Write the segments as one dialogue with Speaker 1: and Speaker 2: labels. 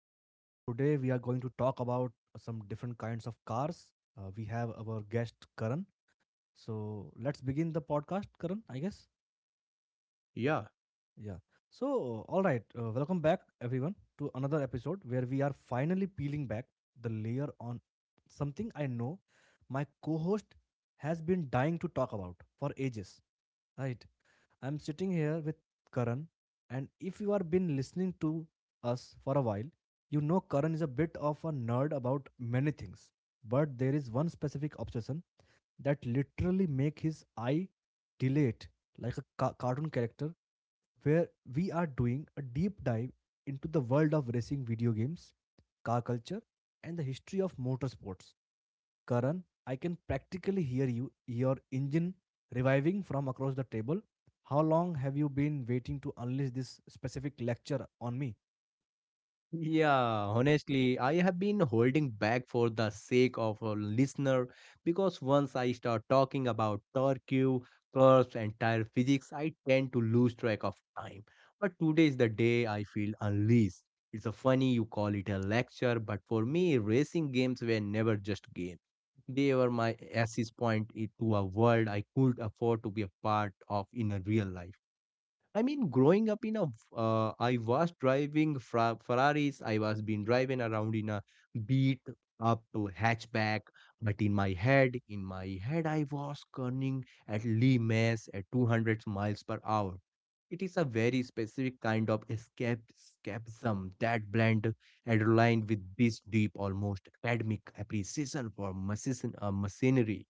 Speaker 1: So, today we are going to talk about some different kinds of cars. We have our guest Karan. So, let's begin the podcast, Karan, I guess.
Speaker 2: Yeah.
Speaker 1: Yeah. So, all right, welcome back everyone to another episode where we are finally peeling back the layer on something I know my co host has been dying to talk about for ages, right? I'm sitting here with Karan, and if you have been listening to us for a while, you know Karan is a bit of a nerd about many things. But there is one specific obsession that literally makes his eye dilate like a cartoon character, where we are doing a deep dive into the world of racing video games, car culture, and the history of motorsports. Karan, I can practically hear you, your engine reviving from across the table. How long have you been waiting to unleash this specific lecture on me?
Speaker 2: Yeah, honestly, I have been holding back for the sake of a listener because once I start talking about torque, curves, and tire physics, I tend to lose track of time. But today is the day I feel unleashed. It's a funny you call it a lecture, but for me, racing games were never just games. They were my access point to a world I could afford to be a part of in a real life. I mean, growing up in a, I was driving Ferraris. I was been driving around in a beat up hatchback, but in my head, I was turning at Lee Mess at 200 miles per hour. It is a very specific kind of escapism that blend adrenaline with this deep, almost academic appreciation for machinery.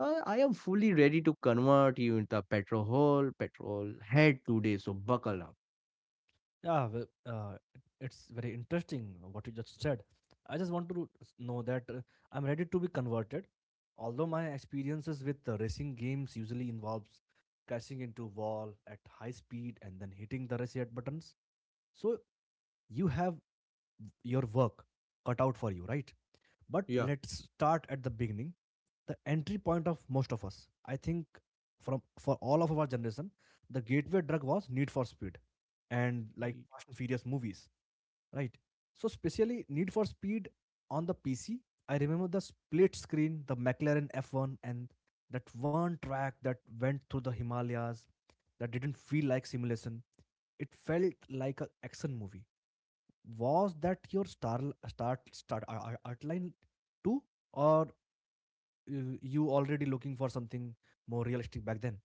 Speaker 2: I am fully ready to convert you into a petrol head today, so buckle up.
Speaker 1: Yeah, well, it's very interesting what you just said. I just want to know that I'm ready to be converted. Although my experiences with racing games usually involves crashing into wall at high speed and then hitting the reset buttons, so you have your work cut out for you, right? But
Speaker 2: Yeah.
Speaker 1: let's start at the beginning. The entry point of most of us, I think, from for all of our generation, the gateway drug was Need for Speed and like
Speaker 2: Y-
Speaker 1: Fast and Furious movies, right? So specially Need for Speed on the PC. I remember the split screen, the McLaren F1, and that one track that went through the Himalayas. That didn't feel like simulation, it felt like an action movie. Was that your start, outline too, or you already looking for something more realistic back then?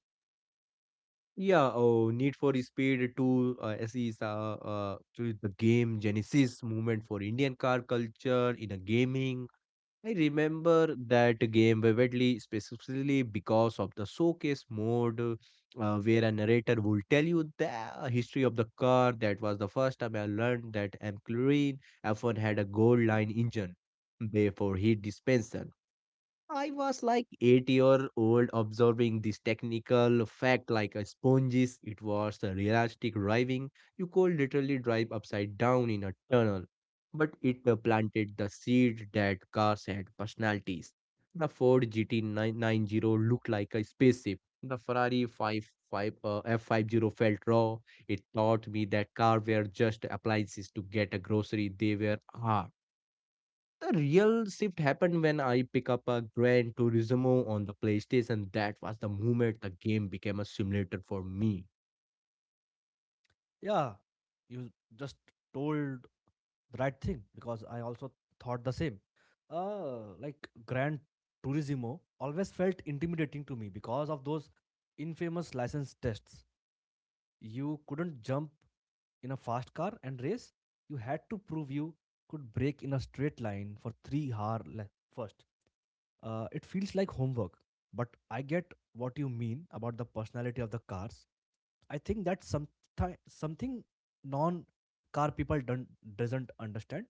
Speaker 2: Yeah. Oh, Need for Speed 2 SE is to the game Genesis movement for Indian car culture in a gaming. I remember that game vividly, specifically because of the showcase mode, where a narrator would tell you the history of the car. That was the first time I learned that McLaren F1 had a gold line engine, therefore heat dispenser. I was like 8 year old observing this technical fact like a sponges. It was a realistic driving. You could literally drive upside down in a tunnel. But it planted the seed that cars had personalities. The Ford GT990 looked like a spaceship. The Ferrari five five F50 felt raw. It taught me that cars were just appliances to get a grocery. They were art. The real shift happened when I picked up a Gran Turismo on the PlayStation. That was the moment the game became a simulator for me.
Speaker 1: Yeah, you just told the right thing because I also thought the same. Like grand turismo always felt intimidating to me because of those infamous license tests. You couldn't jump in a fast car and race, you had to prove you could break in a straight line for 3 hour first. It feels like homework, but I get what you mean about the personality of the cars. I think that's something non car people don't doesn't understand.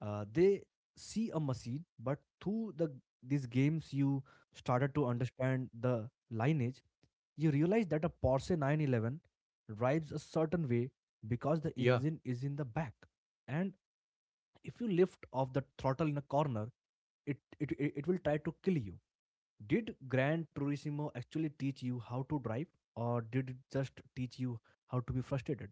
Speaker 1: They see a machine, but through these games you started to understand the lineage. You realize that a Porsche 911 drives a certain way because the
Speaker 2: Yeah.
Speaker 1: engine is in the back, and if you lift off the throttle in a corner, it will try to kill you. Did Gran Turismo actually teach you how to drive, or did it just teach you how to be frustrated?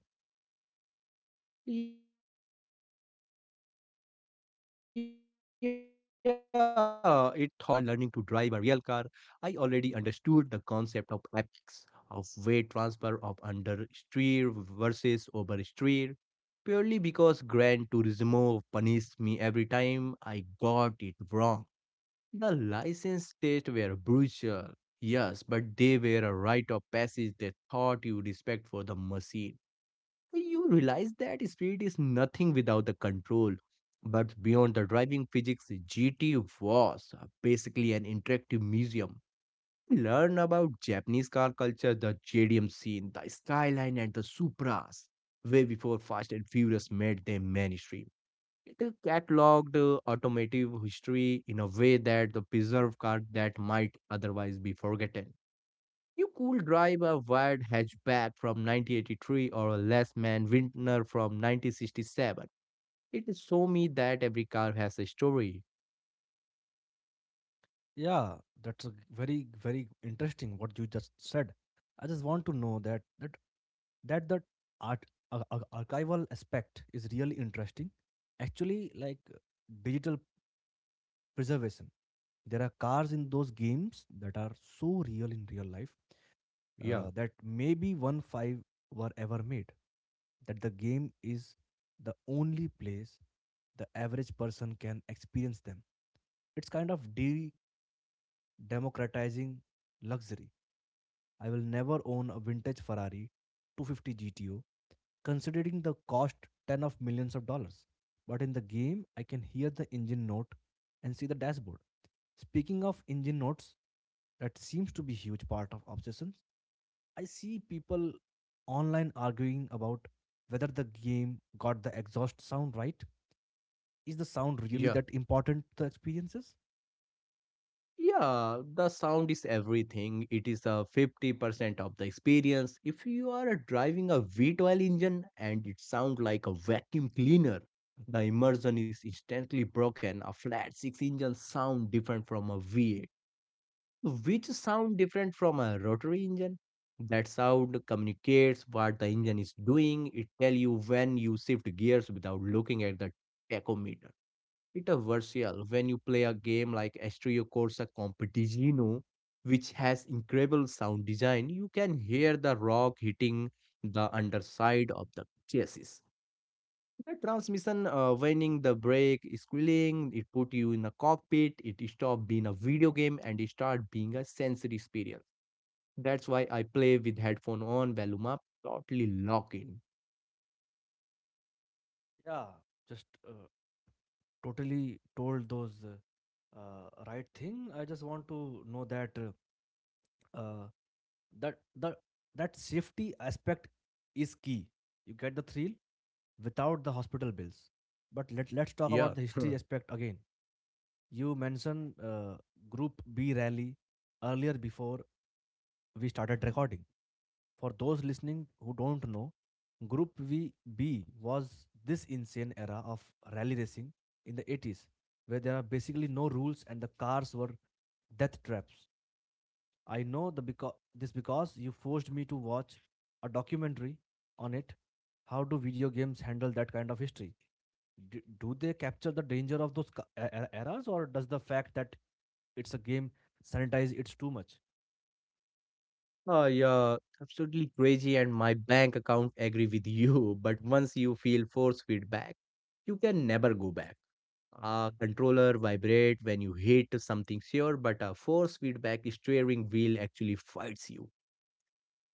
Speaker 2: Yeah, it taught me how to drive 100%, I swear. When I finally started learning to drive a real car, I already understood the concept of epics, of weight transfer of understeer versus oversteer, purely because Gran Turismo punished me every time I got it wrong. The license tests were brutal, yes, but they were a rite of passage that taught you respect for the machine. Well, you realize that speed is nothing without the control. But beyond the driving physics, GT was basically an interactive museum. Learn about Japanese car culture, the JDM scene, the skyline, and the Supras, way before Fast and Furious made them mainstream. It cataloged automotive history in a way that the preserved car that might otherwise be forgotten. You could drive a wired hatchback from 1983 or a less man Vintner from 1967. It showed me that every car has a story.
Speaker 1: Yeah, very very interesting what you just said. I just want to know that that that art archival aspect is really interesting. Actually, like digital preservation, there are cars in those games that are so real in real life,
Speaker 2: Yeah,
Speaker 1: that maybe 1 5 were ever made, that the game is the only place the average person can experience them. It's kind of de democratizing luxury. I will never own a vintage Ferrari 250 GTO, considering the cost 10 of millions of dollars. But in the game, I can hear the engine note and see the dashboard. Speaking of engine notes, that seems to be huge part of obsession. I see people online arguing about whether the game got the exhaust sound right. Is the sound really
Speaker 2: yeah.
Speaker 1: that important to experiences?
Speaker 2: Yeah, the sound is everything. It is a 50% of the experience. If you are driving a V12 engine and it sounds like a vacuum cleaner, the immersion is instantly broken. A flat 6 engine sound different from a V8, which sound different from a rotary engine. That sound communicates what the engine is doing. It tell you when you shift gears without looking at the tachometer. It's a Interversial when you play a game like Astro Corsa Competizione, which has incredible sound design, you can hear the rock hitting the underside of the chassis. The transmission whining, the brake squealing, it put you in a cockpit, it stopped being a video game and it start being a sensory experience. That's why I play with headphone on, volume up, totally lock in.
Speaker 1: Yeah, just totally told those right thing. I just want to know that uh, that the that safety aspect is key. You get the thrill without the hospital bills. But let's talk about
Speaker 2: Yeah.
Speaker 1: the history aspect again. You mentioned Group B rally earlier before we started recording. For those listening who don't know, Group VB was this insane era of rally racing in the 80s, where there are basically no rules and the cars were death traps. I know this because you forced me to watch a documentary on it. How do video games handle that kind of history? D- do they capture the danger of those errors, or does the fact that it's a game sanitize it too much?
Speaker 2: Oh, yeah, absolutely crazy, and my bank account agree with you. But once you feel force feedback, you can never go back. A controller vibrate when you hit something sure, but a force feedback steering wheel actually fights you.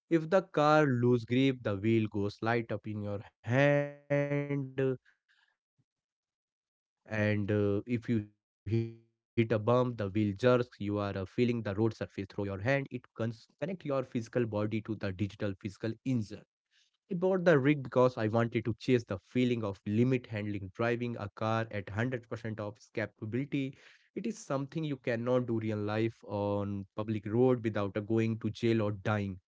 Speaker 2: If the car lose grip, the wheel goes light up in your hand, and if you hit a bump, the wheel jerks. You are feeling the road surface through your hand. It connect your physical body to the digital physical engine. I bought the rig because I wanted to chase the feeling of limit handling, driving a car at 100% of its capability. It is something you cannot do real life on public road without a going to jail or dying.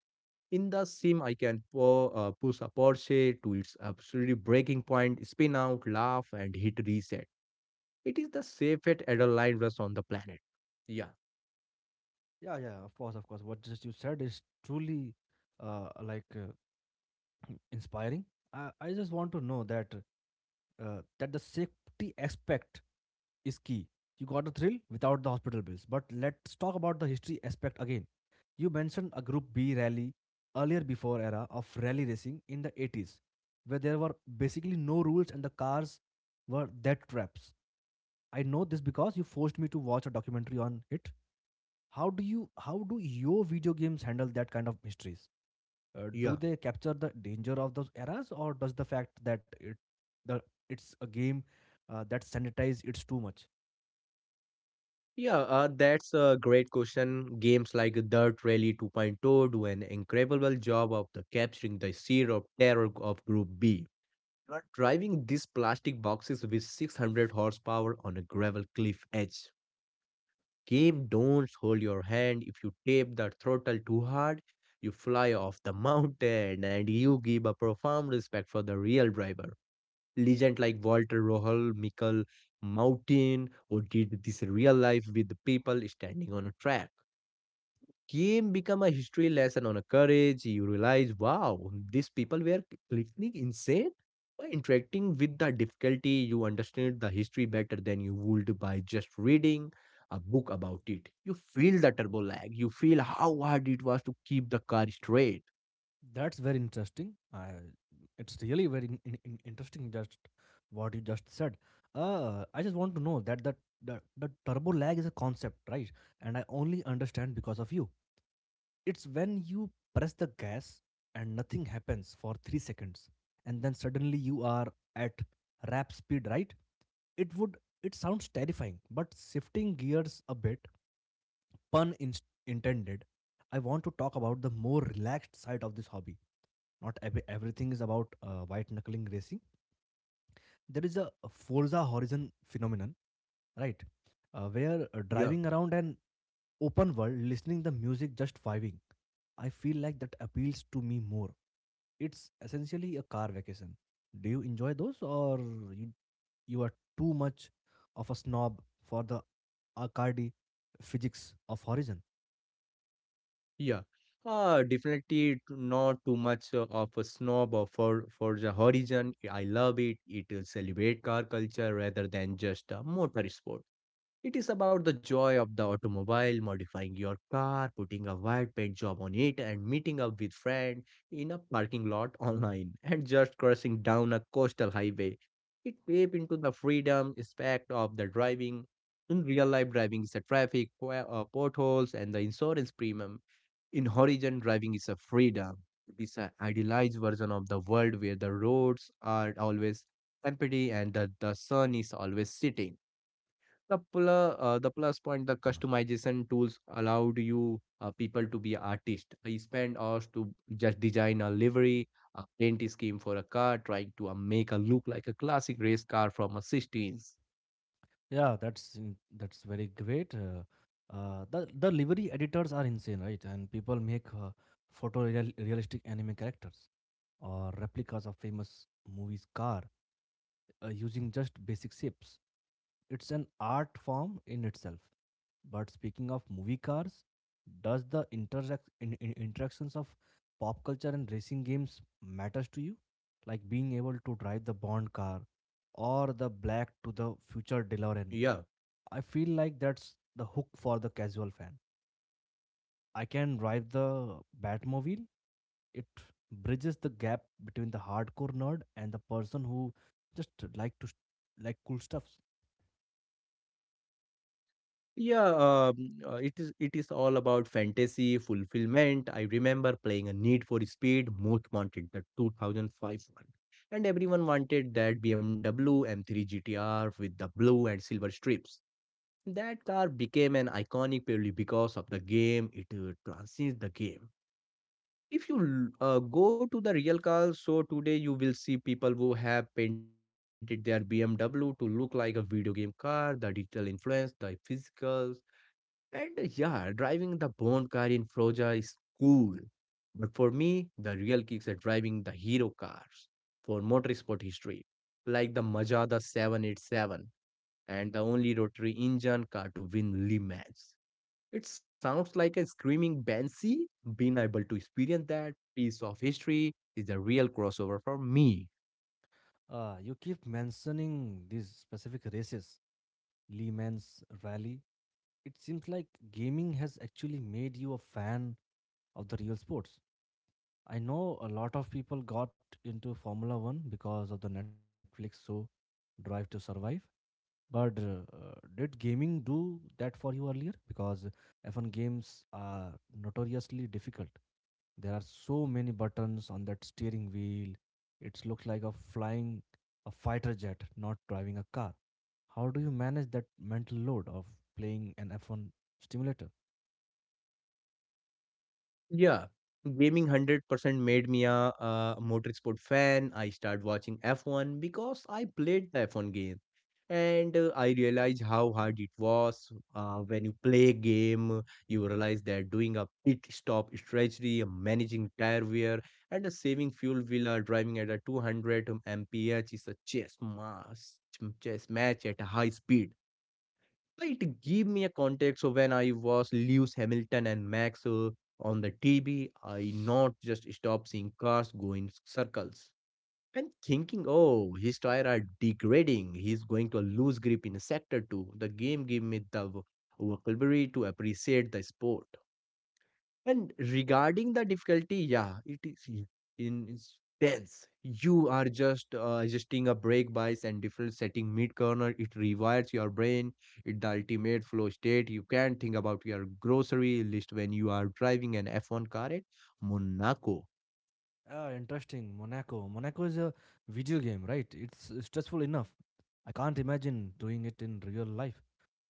Speaker 2: In the sim, I can push a Porsche to its absolute breaking point, spin out, laugh, and hit reset. It is the safest adrenaline rush on the planet. Yeah,
Speaker 1: Yeah, yeah, of course, of course. What just you said is truly uh, like uh, inspiring. I just want to know that that the safety aspect is key. You got a thrill without the hospital bills. But let's talk about the history aspect again. You mentioned a Group B rally earlier before era of rally racing in the 80s, where there were basically no rules and the cars were death traps. I know this because you forced me to watch a documentary on it. How do your video games handle that kind of mysteries? Do
Speaker 2: yeah.
Speaker 1: they capture the danger of those eras, or does the fact that the it's a game, that sanitizes it's too much?
Speaker 2: Yeah, that's a great question. Games like Dirt Rally 2.0 do an incredible job of the capturing the sheer of terror of Group B. You are driving these plastic boxes with 600 horsepower on a gravel cliff edge. Game don't hold your hand. If you tap the throttle too hard, you fly off the mountain and you give a profound respect for the real driver. Legends like Walter Rohal, Michael Mountain, or did this real life with the people standing on a track. Game become a history lesson on a courage. You realize, wow, these people were completely insane. By interacting with the difficulty, you understand the history better than you would by just reading a book about it. You feel the turbo lag. You feel how hard it was to keep the car straight.
Speaker 1: That's very interesting, it's really very interesting just what you just said. I just want to know that the turbo lag is a concept, right? And I only understand because of you. It's when you press the gas and nothing happens for 3 seconds and then suddenly you are at rap speed, right? It would it sounds terrifying, but shifting gears a bit, pun intended, I want to talk about the more relaxed side of this hobby. Not everything is about white knuckling racing. There is a Forza Horizon phenomenon, right? Where
Speaker 2: Yeah.
Speaker 1: driving around an open world, listening the music just vibing. I feel like that appeals to me more, it's essentially a car vacation. Do you enjoy those, or you you are too much of a snob for the Arcadi physics of Horizon?
Speaker 2: Yeah, definitely not too much of a snob or for the horizon. I love it. It will celebrate car culture rather than just a motor sport. It is about the joy of the automobile, modifying your car, putting a white paint job on it, and meeting up with friend in a parking lot online, and just crossing down a coastal highway. It taps into the freedom aspect of the driving. In real life, driving is the traffic, potholes, and the insurance premium in Horizon, driving is a freedom. It is an idealized version of the world where the roads are always empty and the sun is always setting. The plus point, the customization tools allowed you people to be artists. I spent hours to just design a livery, a paint scheme for a car, trying to make a look like a classic race car from a 16s.
Speaker 1: Yeah, that's very great. The livery editors are insane, right? And people make photorealistic anime characters or replicas of famous movies' car using just basic shapes. It's an art form in itself. But speaking of movie cars, does the interactions of pop culture and racing games matters to you? Like being able to drive the Bond car or the Black to the Future DeLorean.
Speaker 2: Yeah.
Speaker 1: I feel like that's the hook for the casual fan. I can drive the Batmobile. It bridges the gap between the hardcore nerd and the person who just like to like cool stuffs.
Speaker 2: Yeah, it is all about fantasy fulfillment. I remember playing a Need for Speed, most wanted the 2005 one, and everyone wanted that BMW M3 GTR with the blue and silver strips. That car became an iconic purely because of the game. It transcends the game. If you go to the real cars, so today you will see people who have painted their BMW to look like a video game car. The digital influence, the physical and yeah, driving the Bond car in Froja is cool. But for me, the real kicks are driving the hero cars for motorsport history, like the Mazda 787 and the only rotary engine car to win Le Mans. It sounds like a screaming banshee. Being able to experience that piece of history is the real crossover for me.
Speaker 1: You keep mentioning these specific races. Lehman's rally. It seems like gaming has actually made you a fan of the real sports. I know a lot of people got into Formula One because of the Netflix show Drive to Survive. But did gaming do that for you earlier? Because F1 games are notoriously difficult. There are so many buttons on that steering wheel. It looks like a flying a fighter jet, not driving a car. How do you manage that mental load of playing an F1 simulator?
Speaker 2: Yeah, gaming 100% made me a motorsport fan. I started watching F1 because I played the F1 game. And I realized how hard it was. When you play a game, you realize that doing a pit stop strategy, managing tire wear, and saving fuel while driving at a 200 mph is a chess match at a high speed. It gave me a context. So when I was Lewis Hamilton and Max on the TV. I not just stopped seeing cars go in circles and thinking, oh, his tire are degrading. He's going to lose grip in a sector two. The game gave me the vocabulary to appreciate the sport. And regarding the difficulty, yeah, it is I- in is tense. You are just adjusting a brake bias and different setting mid corner. It rewires your brain. It the ultimate flow state. You can think about your grocery list when you are driving an F1 car at Monaco.
Speaker 1: Ah, interesting. Monaco. Monaco is a video game, right? It's stressful enough. I can't imagine doing it in real life.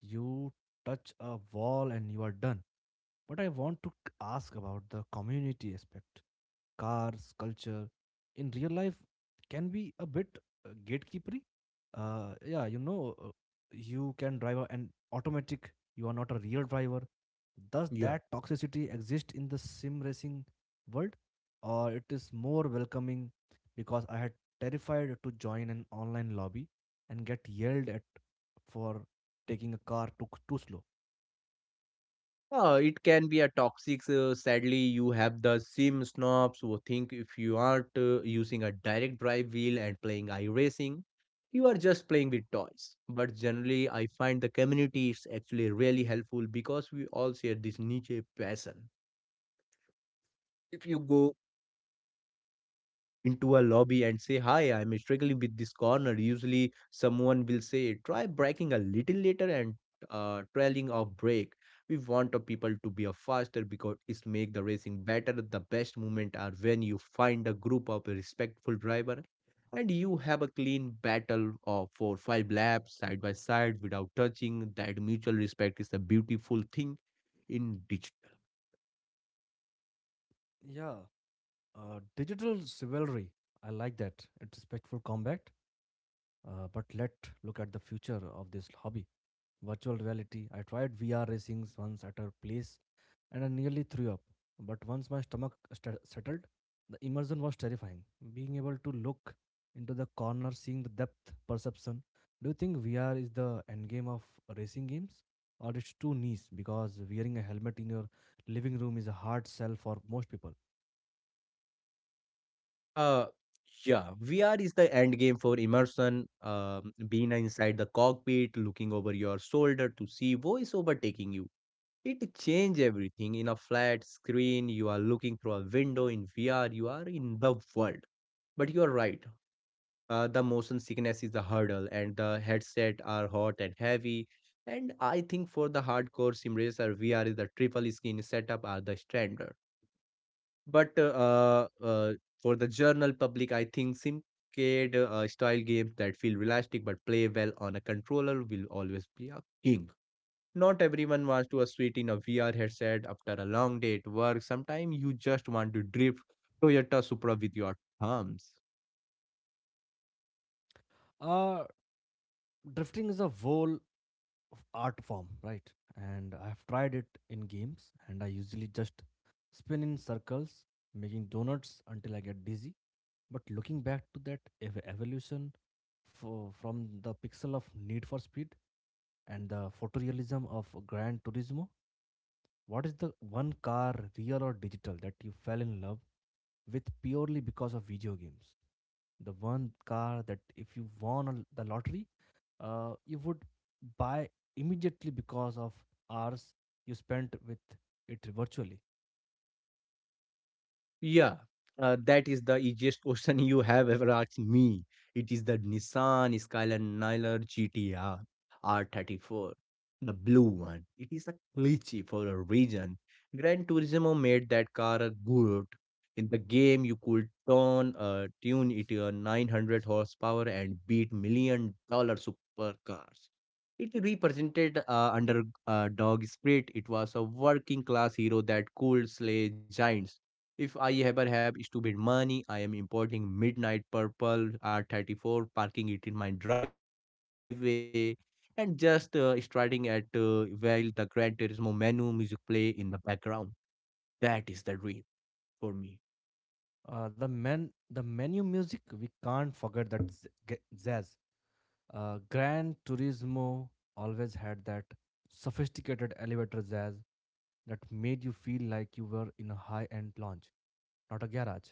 Speaker 1: You touch a wall and you are done. But I want to ask about the community aspect. Cars, culture, in real life can be a bit gatekeepery. Uh, yeah, you know, uh, you can drive an automatic, you are not a real driver. Does
Speaker 2: Yeah,
Speaker 1: that toxicity exist in the sim racing world? Or it is more welcoming, because I had terrified to join an online lobby and get yelled at for taking a car too slow.
Speaker 2: Uh, it can be a toxic. Sadly, you have the sim snobs who think if you aren't using a direct drive wheel and playing iRacing, you are just playing with toys. But generally, I find the community is actually really helpful because we all share this niche passion. If you go into a lobby and say, Hi, I'm struggling with this corner. Usually, someone will say, Try braking a little later and trailing off brake. We want the people to be a faster because it's make the racing better. The best moment are when you find a group of respectful driver and you have a clean battle of for 5 laps side by side without touching. That mutual respect is a beautiful thing in digital.
Speaker 1: Yeah. Digital chivalry. I like that. It's respectful combat. But let look at the future of this hobby. Virtual reality. I tried VR racings once at a place and I nearly threw up. But once my stomach settled, the immersion was terrifying. Being able to look into the corner, seeing the depth perception. Do you think VR is the end game of racing games? Or it's too niche because wearing a helmet in your living room is a hard sell for most people.
Speaker 2: Uh, yeah, VR is the end game for immersion. Being inside the cockpit, looking over your shoulder to see voice overtaking you. It change everything. In a flat screen, you are looking through a window. In VR, you are in the world. But you are right. The motion sickness is the hurdle, and the headset are hot and heavy. And I think for the hardcore sim racer, VR is the triple skin setup are the standard. But For the general public, I think simcade style games that feel realistic but play well on a controller will always be a king. Not everyone wants to a suite in a VR headset after a long day at work. Sometimes you just want to drift Toyota Supra with your thumbs.
Speaker 1: Uh, Drifting is a whole art form, right? And I have tried it in games, and I usually just spin in circles, making donuts until I get dizzy. But looking back to that evolution from the pixel of Need for Speed and the photorealism of Gran Turismo, what is the one car, real or digital, that you fell in love with purely because of video games? The one car that if you won the lottery, you would buy immediately because of hours you spent with it virtually.
Speaker 2: Yeah, that is the easiest question you have ever asked me. It is the Nissan Skyline GTR R34, the blue one. It is a glitchy for a reason. Gran Turismo made that car good. In the game, you could turn tune it to 900 horsepower and beat million dollar supercars. It represented under dog spirit. It was a working class hero that could slay giants if I ever have stupid money. I am importing Midnight Purple R34, parking it in my driveway, and just starting at while the Gran Turismo menu music play in the background. That is the dream for me.
Speaker 1: The menu music, we can't forget that jazz. Gran Turismo always had that sophisticated elevator jazz that made you feel like you were in a high-end lounge, not a garage.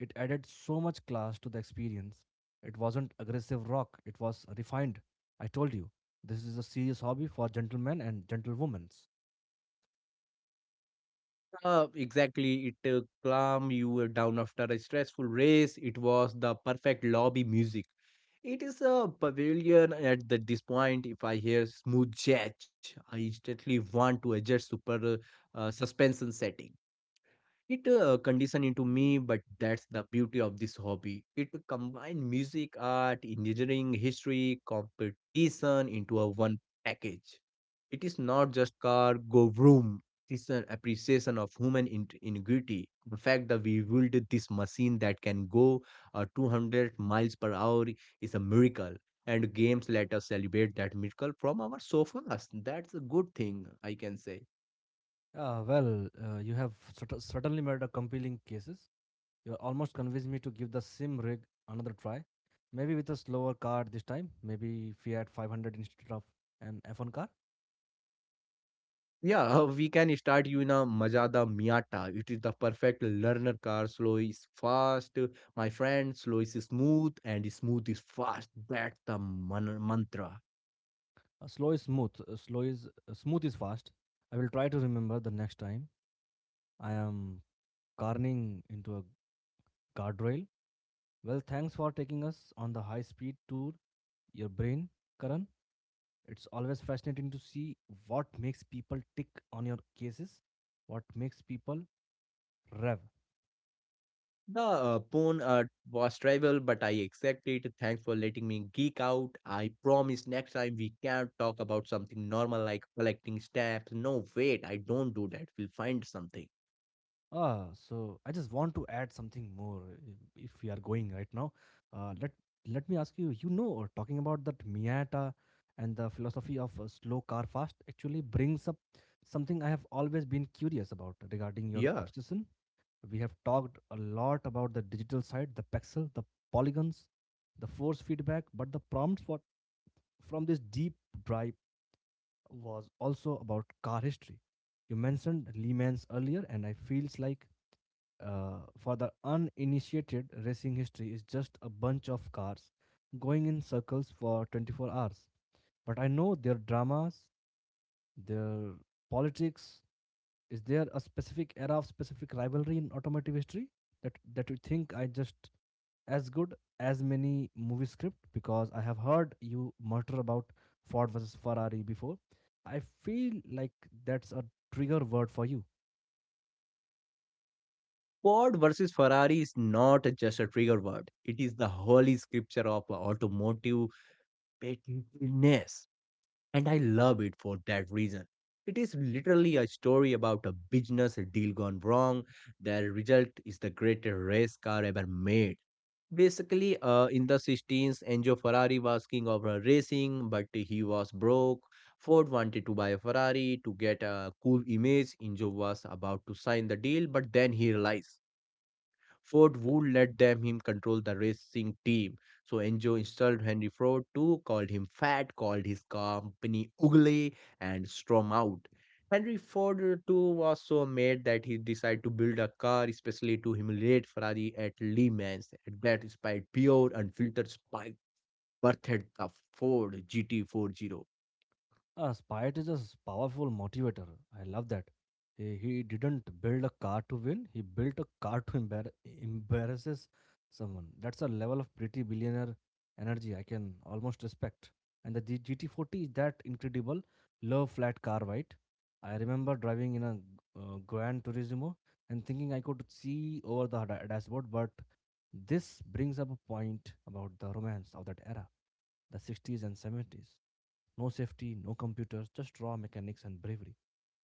Speaker 1: It added so much class to the experience. It wasn't aggressive rock, it was refined. I told you, this is a serious hobby for gentlemen and gentlewomen.
Speaker 2: Exactly, it calm you down after a stressful race. It was the perfect lobby music. It is a pavilion at this point. If I hear smooth jazz, I instantly want to adjust super suspension setting. It conditioned into me, but that's the beauty of this hobby. It combined music, art, engineering, history, competition into a one package. It is not just car go vroom. It is an appreciation of human ingenuity. The fact that we built this machine that can go 200 miles per hour is a miracle. And games let us celebrate that miracle from our sofas. That's a good thing, I can say.
Speaker 1: Well, you have certainly made a compelling cases. You almost convinced me to give the sim rig another try. Maybe with a slower car this time, maybe Fiat 500 instead of an F1 car.
Speaker 2: Yeah, we can start you in a Mazda Miata. It is the perfect learner car. Slow is fast, my friend. Slow is smooth, and smooth is fast. That's the mantra.
Speaker 1: Slow is smooth is fast. I will try to remember the next time I am carning into a guardrail. Well, thanks for taking us on the high speed tour. Your brain, Karan, it's always fascinating to see what makes people tick on your cases, what makes people rev.
Speaker 2: The pawn was travel, but I accepted. Thanks for letting me geek out. I promise next time we can talk about something normal like collecting stamps. No, wait, I don't do that. We'll find something.
Speaker 1: So I just want to add something more if we are going right now. Uh, let let me ask you, you know, talking about that Miata and the philosophy of slow car fast actually brings up something I have always been curious about regarding your
Speaker 2: Yeah.
Speaker 1: obsession. We have talked a lot about the digital side, the pixel, the polygons, the force feedback, but the from this deep drive was also about car history. You mentioned Le Mans earlier, and I feels like for the uninitiated, racing history is just a bunch of cars going in circles for 24 hours. But I know their dramas, their politics. Is there a specific era of specific rivalry in automotive history that you think I just as good as many movie script because I have heard you mutter about Ford versus Ferrari before. I feel like that's a trigger word for you.
Speaker 2: Ford versus Ferrari is not just a trigger word. It is the holy scripture of automotive pettiness. And I love it for that reason. It is literally a story about a business deal gone wrong. The result is the greatest race car ever made. Basically, in the 16s, Enzo Ferrari was king of racing, but he was broke. Ford wanted to buy a Ferrari to get a cool image. Enzo was about to sign the deal, but then he realized Ford would let them him control the racing team. So Enzo insulted Henry Ford too, called him fat, called his company ugly, and stormed out. Henry Ford too was so mad that he decided to build a car especially to humiliate Ferrari at Le Mans. At that inspired pure unfiltered spite birthed the Ford GT40.
Speaker 1: Spite is a powerful motivator. I love that. He didn't build a car to win. He built a car to embarrasses someone. That's a level of pretty billionaire energy I can almost respect. And the GT40 is that incredible low flat car, right? I remember driving in a Gran Turismo and thinking I could see over the dashboard, but this brings up a point about the romance of that era, the 60s and 70s. No safety, no computers, just raw mechanics and bravery.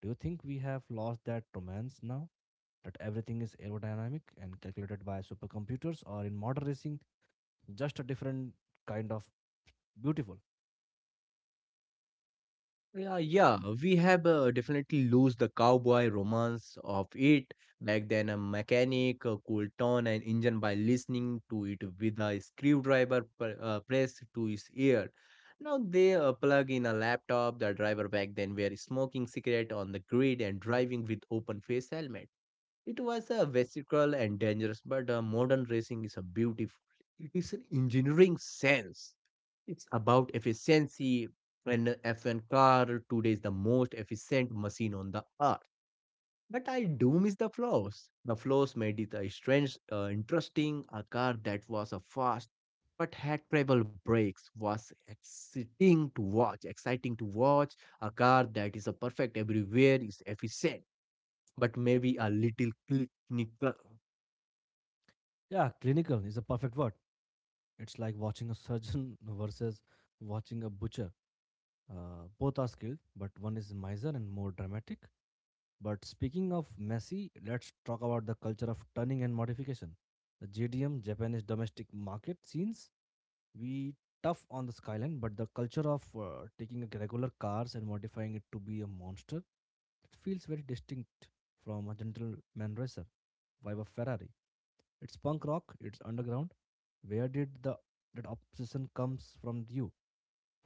Speaker 1: Do you think we have lost that romance now? That everything is aerodynamic and calculated by supercomputers, or in modern racing, just a different kind of beautiful?
Speaker 2: Yeah, yeah, we have definitely lose the cowboy romance of it. Back then, a mechanic could turn an engine by listening to it with a screwdriver pressed to his ear. Now they plug in a laptop. The driver back then were smoking cigarette on the grid and driving with open face helmet. It was a vesicle and dangerous, but modern racing is a beautiful. It is an engineering sense it's about efficiency. An F1 car today is the most efficient machine on the earth. But I do miss the flaws. The flaws made it a strange, interesting. A car that was a fast but had travel brakes was exciting to watch. Exciting to watch. A car that is a perfect everywhere is efficient, but maybe a little clinical.
Speaker 1: Yeah, clinical is a perfect word. It's like watching a surgeon versus watching a butcher. Both are skilled, but one is miser and more dramatic. But speaking of messy, let's talk about the culture of turning and modification. The JDM, Japanese domestic market scenes, we tough on the skyline, but the culture of taking a regular cars and modifying it to be a monster, it feels very distinct from a gentleman racer vibe of ferrari. It's punk rock, it's underground. Where did the that obsession comes from you?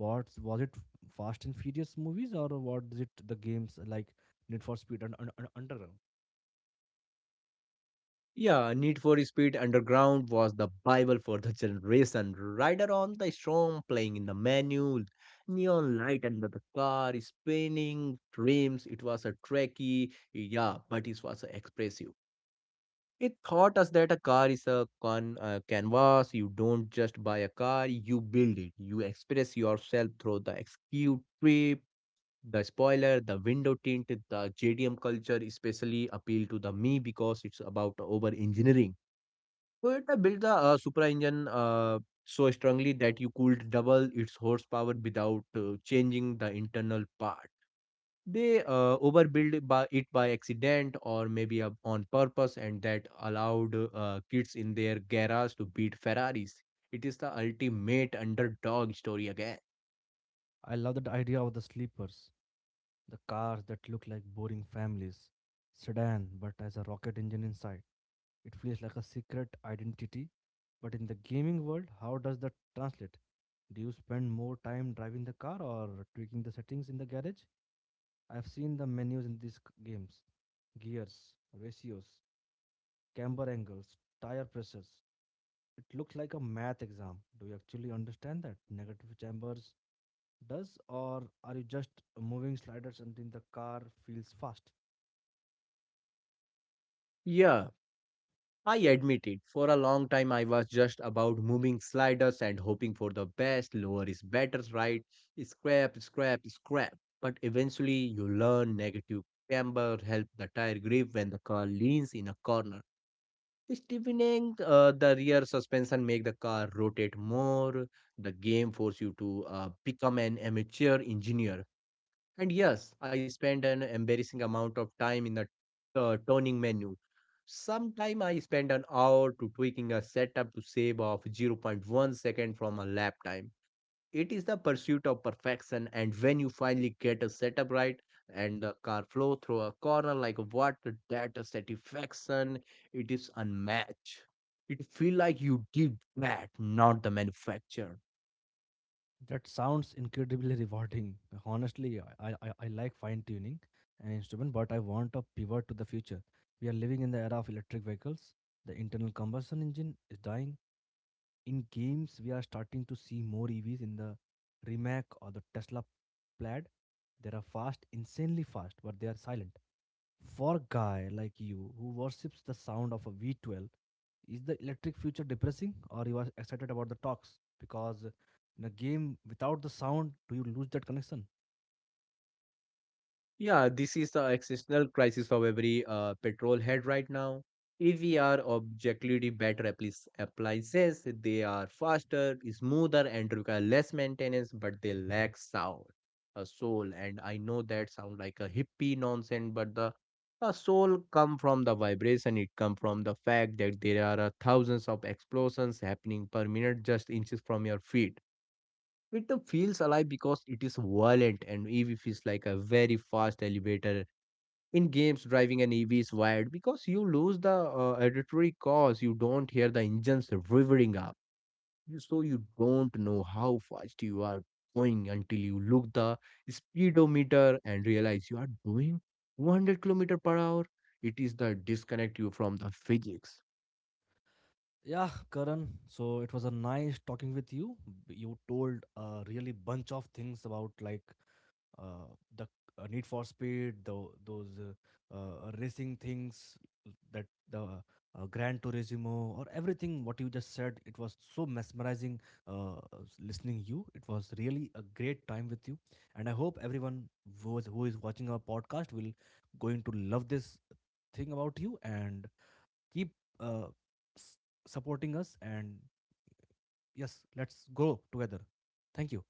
Speaker 1: What was it, fast and furious movies, or was it the games like need for speed and underground?
Speaker 2: Yeah, Need for Speed Underground was the Bible for the generation. Rider on the storm, playing in the manual, neon light under the car, spinning dreams. It was a trekkie, yeah, but it was expressive. It taught us that a car is a con canvas. You don't just buy a car, you build it. You express yourself through the execute trip, the spoiler, the window tint, the JDM culture especially appealed to the me because it's about over engineering. Toyota built the Supra engine so strongly that you could double its horsepower without changing the internal part. They overbuilt by it by accident or maybe on purpose, and that allowed kids in their garage to beat Ferraris. It is the ultimate underdog story again.
Speaker 1: I love that idea of the sleepers, the cars that look like boring families sedan but has a rocket engine inside. It feels like a secret identity. But in the gaming world, how does that translate? Do you spend more time driving the car or tweaking the settings in the garage? I've seen the menus in these games: gears, ratios, camber angles, tire pressures. It looks like a math exam. Do you actually understand that negative chambers does, or are you just moving sliders until the car feels fast?
Speaker 2: Yeah, I admit it. For a long time, I was just about moving sliders and hoping for the best. Lower is better, right? Scrap, scrap, scrap. But eventually, you learn negative camber help the tire grip when the car leans in a corner. Steepening the rear suspension make the car rotate more. The game force you to become an amateur engineer and yes, I spend an embarrassing amount of time in the turning menu. Sometime I spend an hour to tweaking a setup to save off 0.1 second from a lap time. It is the pursuit of perfection, and when you finally get a setup right and the car flow through a corner like a water, that satisfaction it is unmatched. It feel like you did that, not the manufacturer.
Speaker 1: That sounds incredibly rewarding. Honestly, I like fine tuning an instrument, but I want a pivot to the future. We are living in the era of electric vehicles. The internal combustion engine is dying. In games, we are starting to see more EVs in the Rimac or the Tesla Plaid. They are fast, insanely fast, but they are silent. For a guy like you who worships the sound of a V12, is the electric future depressing or you are excited about the talks? Because in a game without the sound, do you lose that connection?
Speaker 2: Yeah, this is the existential crisis of every petrol head right now. If we are objectively better appliances, they are faster, smoother, and require less maintenance, but they lack sound, a soul. And I know that sound like a hippie nonsense, but the a soul come from the vibration. It come from the fact that there are thousands of explosions happening per minute, just inches from your feet it feels alive because it is violent and EV feels like a very fast elevator. In games, driving an EV is wired because you lose the auditory cause. You don't hear the engines revving up. So you don't know how fast you are going until you look the speedometer and realize you are doing 100 kilometer per hour. It is the disconnect you from the physics.
Speaker 1: Yeah, Karan. So it was a nice talking with you. You told a really bunch of things about like uh, the Need for Speed, those racing things, that the Gran Turismo, or everything what you just said. It was so mesmerizing, uh, listening you. It was really a great time with you, and I hope everyone who is watching our podcast will going to love this thing about you and keep uh, s- supporting us. And yes, let's grow together. Thank you.